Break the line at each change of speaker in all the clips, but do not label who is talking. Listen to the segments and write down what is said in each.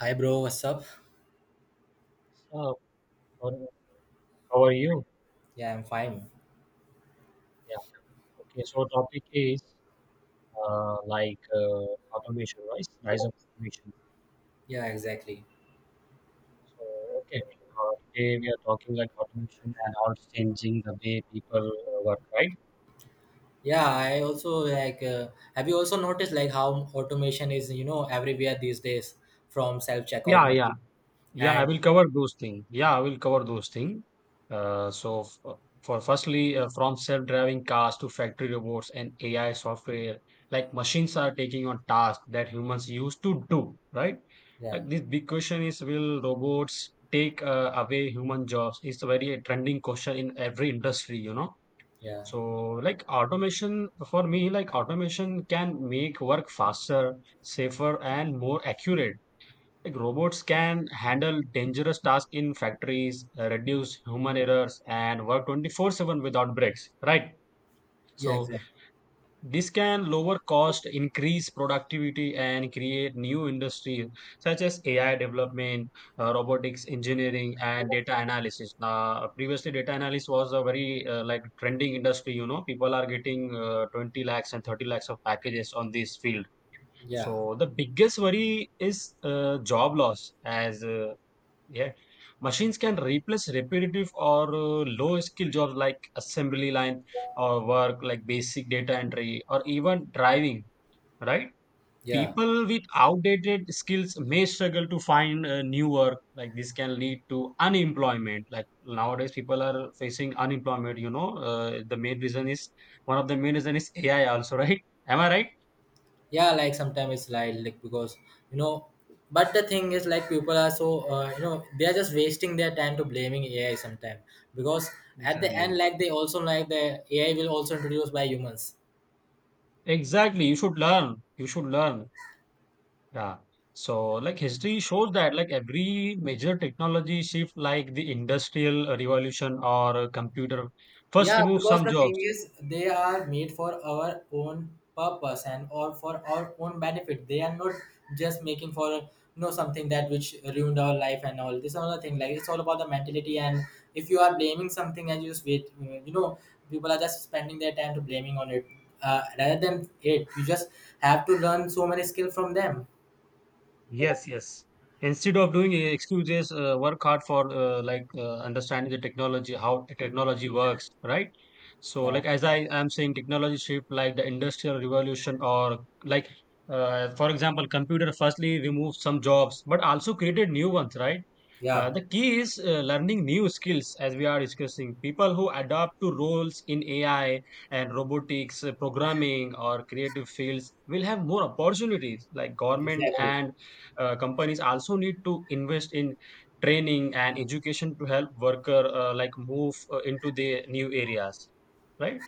Hi bro, what's up?
So, um, how are you?
Yeah, I'm fine.
Yeah. Okay. So, topic is automation, right? Rise of automation.
Yeah, exactly.
So, okay. Today we are talking like automation and how it's changing the way people work, right?
Yeah, I also like have you also noticed like how automation is, everywhere these days from self-checkout
Yeah. Yeah.
machine
Yeah, I
and
will cover those things. Yeah, I will cover those things. Uh, so, f- uh, for firstly, from self-driving cars to factory robots and AI software, like machines are taking on tasks that humans used to do, right?
yeah,
Like this big question is, will robots take away human jobs? It's a very trending question in every industry, you know.
yeah,
So, like automation, for me, like automation can make work faster, safer, and more accurate, like robots can handle dangerous tasks in factories, reduce human errors, and work 24/7 without breaks, right?
yeah,
So
exactly.
this can lower cost, increase productivity, and create new industries such as AI development, robotics engineering, and data analysis. Now, previously, data analysis was a very trending industry. You know, people are getting 20 lakhs and 30 lakhs of packages on this field.
Yeah,
So the biggest worry is job loss, as yeah, machines can replace repetitive or low skill jobs like assembly line or work like basic data entry or even driving, right?
yeah.
People with outdated skills may struggle to find new work. Like this can lead to unemployment. Like nowadays, people are facing unemployment. You know, the main reason is one of the main reason is AI also, right? Am I right?
Yeah, like sometimes it's like because, you know, but the thing is like people are so they are just wasting their time to blaming AI sometimes because at the end
Exactly.
like they also like the AI will also introduced by humans.
Exactly. You should learn. You should learn. Yeah. So like history shows that like every major technology shift like the industrial revolution or computer first
Yeah,
remove
because
some
the thing
jobs.
is, they are made for our own purpose and or for our own benefit. They are not just making for something that which ruined our life and all. This another thing. Like it's all about the mentality. And if you are blaming something and you just wait, people are just spending their time to blaming on it. Rather than it, you just have to learn so many skill from them.
Yes, yes. Instead of doing excuses, work hard for understanding the technology, how the technology works, right? So,
Yeah,
like as I am saying, technology shift like the industrial revolution, or like for example, computer firstly removed some jobs, but also created new ones, right?
yeah,
The key is learning new skills, as we are discussing. People who adapt to roles in AI and robotics, programming, or creative fields will have more opportunities. Like government
exactly.
and companies also need to invest in training and education to help worker move into the new areas, right.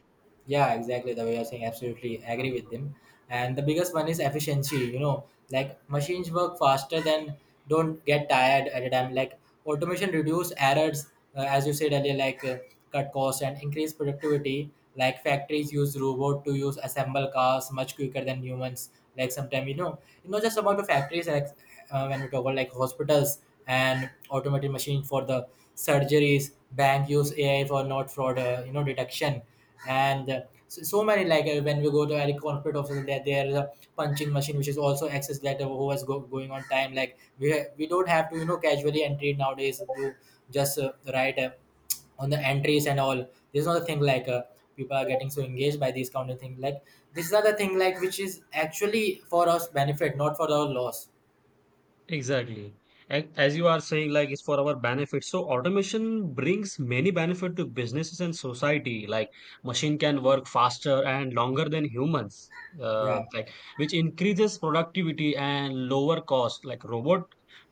Yeah, exactly. The way you're saying, absolutely agree with them. And the biggest one is efficiency. You know, like machines work faster than don't get tired at a time. Like automation reduce errors, as you said earlier, like cut costs and increase productivity. Like factories use robot to use assemble cars much quicker than humans. Like sometimes, it's not just about the factories. Like when we talk about like hospitals and automated machine for the surgeries, bank use AI for not fraud, detection, and so many, like when we go to any corporate office, there is a punching machine which is also accessed that who was going on time, like we don't have to casually entry nowadays to just write on the entries and all. This is not a thing, like people are getting so engaged by these kind of thing, like this is not the thing like which is actually for us benefit, not for our loss.
Exactly. And as you are saying, like it's for our benefit. So automation brings many benefit to businesses and society. Like machine can work faster and longer than humans. Uh,
Yeah,
like which increases productivity and lower cost. Like robot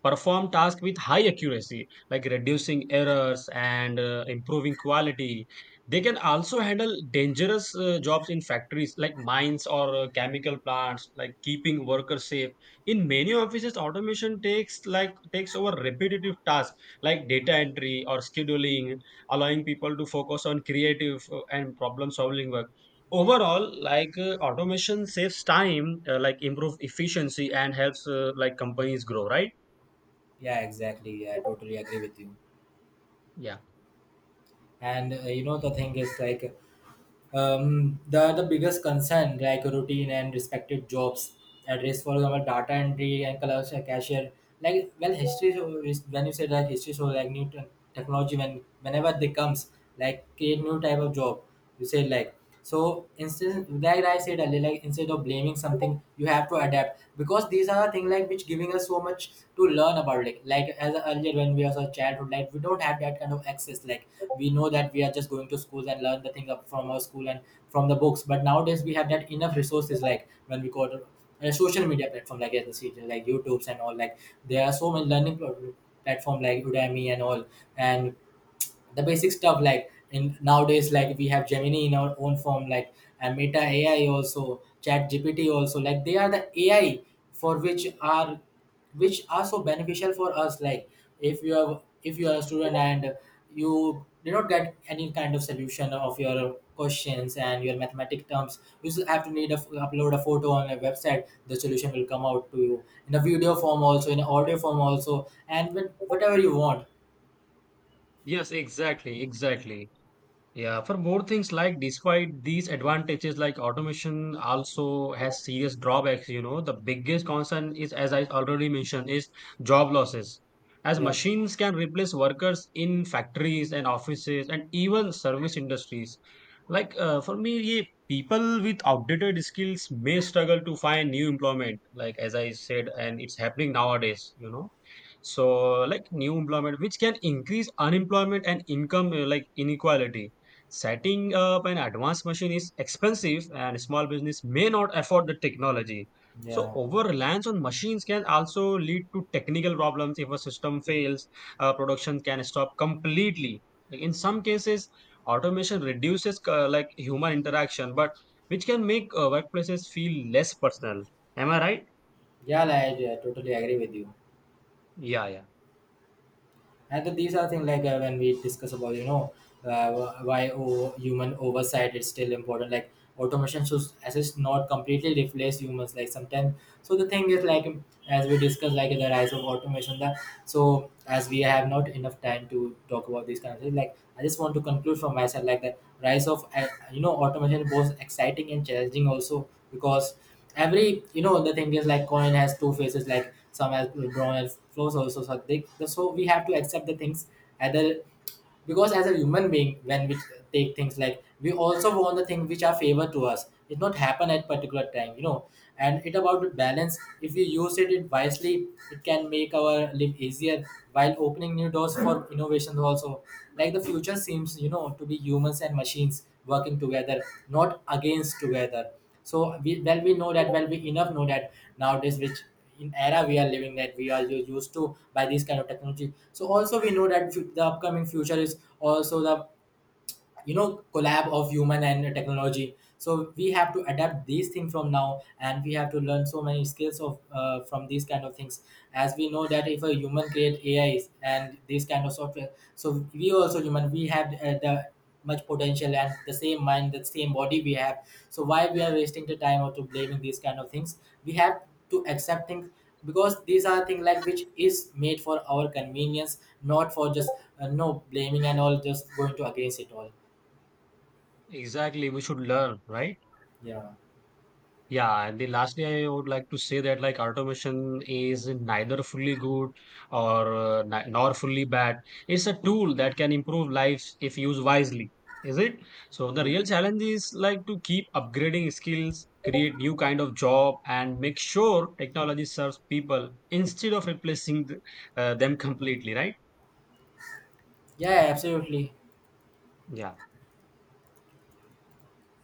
perform task with high accuracy, like reducing errors and improving quality. They can also handle dangerous jobs in factories like mines or chemical plants, like keeping workers safe. In many offices automation takes over repetitive tasks like data entry or scheduling, allowing people to focus on creative and problem solving work. Overall, like automation saves time, improve efficiency and helps companies grow, right.
yeah, exactly. Yeah, I totally agree with you.
Yeah.
And the thing is like, the biggest concern, like routine and respected jobs at risk, for example data entry and collection, cashier. Like, well, when you say that history show like new technology, whenever they comes, like create new type of job. You say like, so instead, like I said earlier, like instead of blaming something, you have to adapt because these are the things like which giving us so much to learn about. Like as earlier when we was a childhood, like we don't have that kind of access. Like we know that we are just going to schools and learn the thing up from our school and from the books. But nowadays we have that enough resources. Like when we go to a social media platform, like as you said, like YouTube's and all. Like there are so many learning platform like Udemy and all. And the basic stuff like in nowadays, like we have Gemini in our own form, like, and Meta AI also, ChatGPT also, like they are the AI for which are so beneficial for us. Like if you are a student and you did not get any kind of solution of your questions and your mathematic terms, you just have to need upload a photo on a website, the solution will come out to you in a video form also, in audio form also, and with whatever you want.
Yes, exactly, exactly. Yeah, for more things like despite these advantages, like automation also has serious drawbacks. You know, the biggest concern is, as I already mentioned, is job losses. As
Yeah,
machines can replace workers in factories and offices and even service industries. Like for me, ye people with outdated skills may struggle to find new employment. Like as I said, and it's happening nowadays. You know, so like new employment, which can increase unemployment and income inequality. Setting up an advanced machine is expensive and small business may not afford the technology. So
yeah.
over reliance on machines can also lead to technical problems. If a system fails, production can stop completely. Like, in some cases, automation reduces human interaction, but which can make workplaces feel less personal. Am I right?
Yeah, like, I totally agree with you.
Yeah, yeah.
And these are things like when we discuss about, why human oversight is still important. Like automation should assist, not completely replace humans. Like sometimes, so the thing is like, as we discuss like the rise of automation. That, so as we have not enough time to talk about these kind of things, like I just want to conclude from myself. Like the rise of automation is both exciting and challenging also, because every the thing is, like coin has two faces, like some has brown and flows also, so they, so we have to accept the things either. Because as a human being, when we take things, like we also want the things which are favor to us. It not happen at particular time, you know. And it about the balance. If we use it wisely, it can make our life easier while opening new doors for innovations also. Like the future seems, to be humans and machines working together, not against together. So we well we know that, well we enough know that nowadays, which in era we are living, that we are used to by this kind of technology. So also we know that the upcoming future is also the, collab of human and technology. So we have to adapt these things from now, and we have to learn so many skills of from these kind of things. As we know that if a human create AIs and these kind of software, so we also human, we have the much potential, and the same mind, the same body, we have. So why we are wasting the time or to blaming these kind of things? We have to accept things because these are things like which is made for our convenience, not for just no blaming and all, just going to against it all.
Exactly. We should learn, right?
Yeah.
Yeah, and the lastly, I would like to say that like automation is neither fully good or nor fully bad. It's a tool that can improve lives if used wisely, is it? So the
Yeah,
real challenge is like to keep upgrading skills, create new kind of job, and make sure technology serves people instead of replacing them completely, right?
yeah! Absolutely.
Yeah.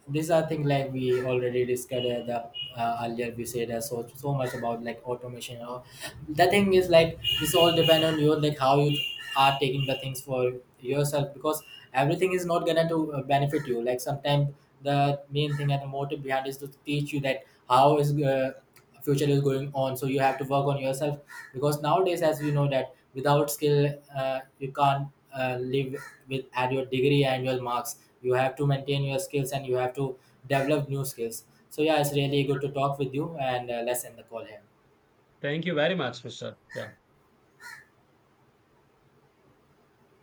These are things like we already discussed, the earlier. We said so much about like automation and all. The thing is like this all depend on you, like how you are taking the things for yourself, because everything is not gonna to benefit you. Like sometimes the main thing and the motive behind is to teach you that how is future is going on, so you have to work on yourself because nowadays, as we know that without skill, you can't live with at your degree and your marks. You have to maintain your skills, and you have to develop new skills. So yeah, it's really good to talk with you, and let's end the call here.
Thank you very much, Mr. Yeah.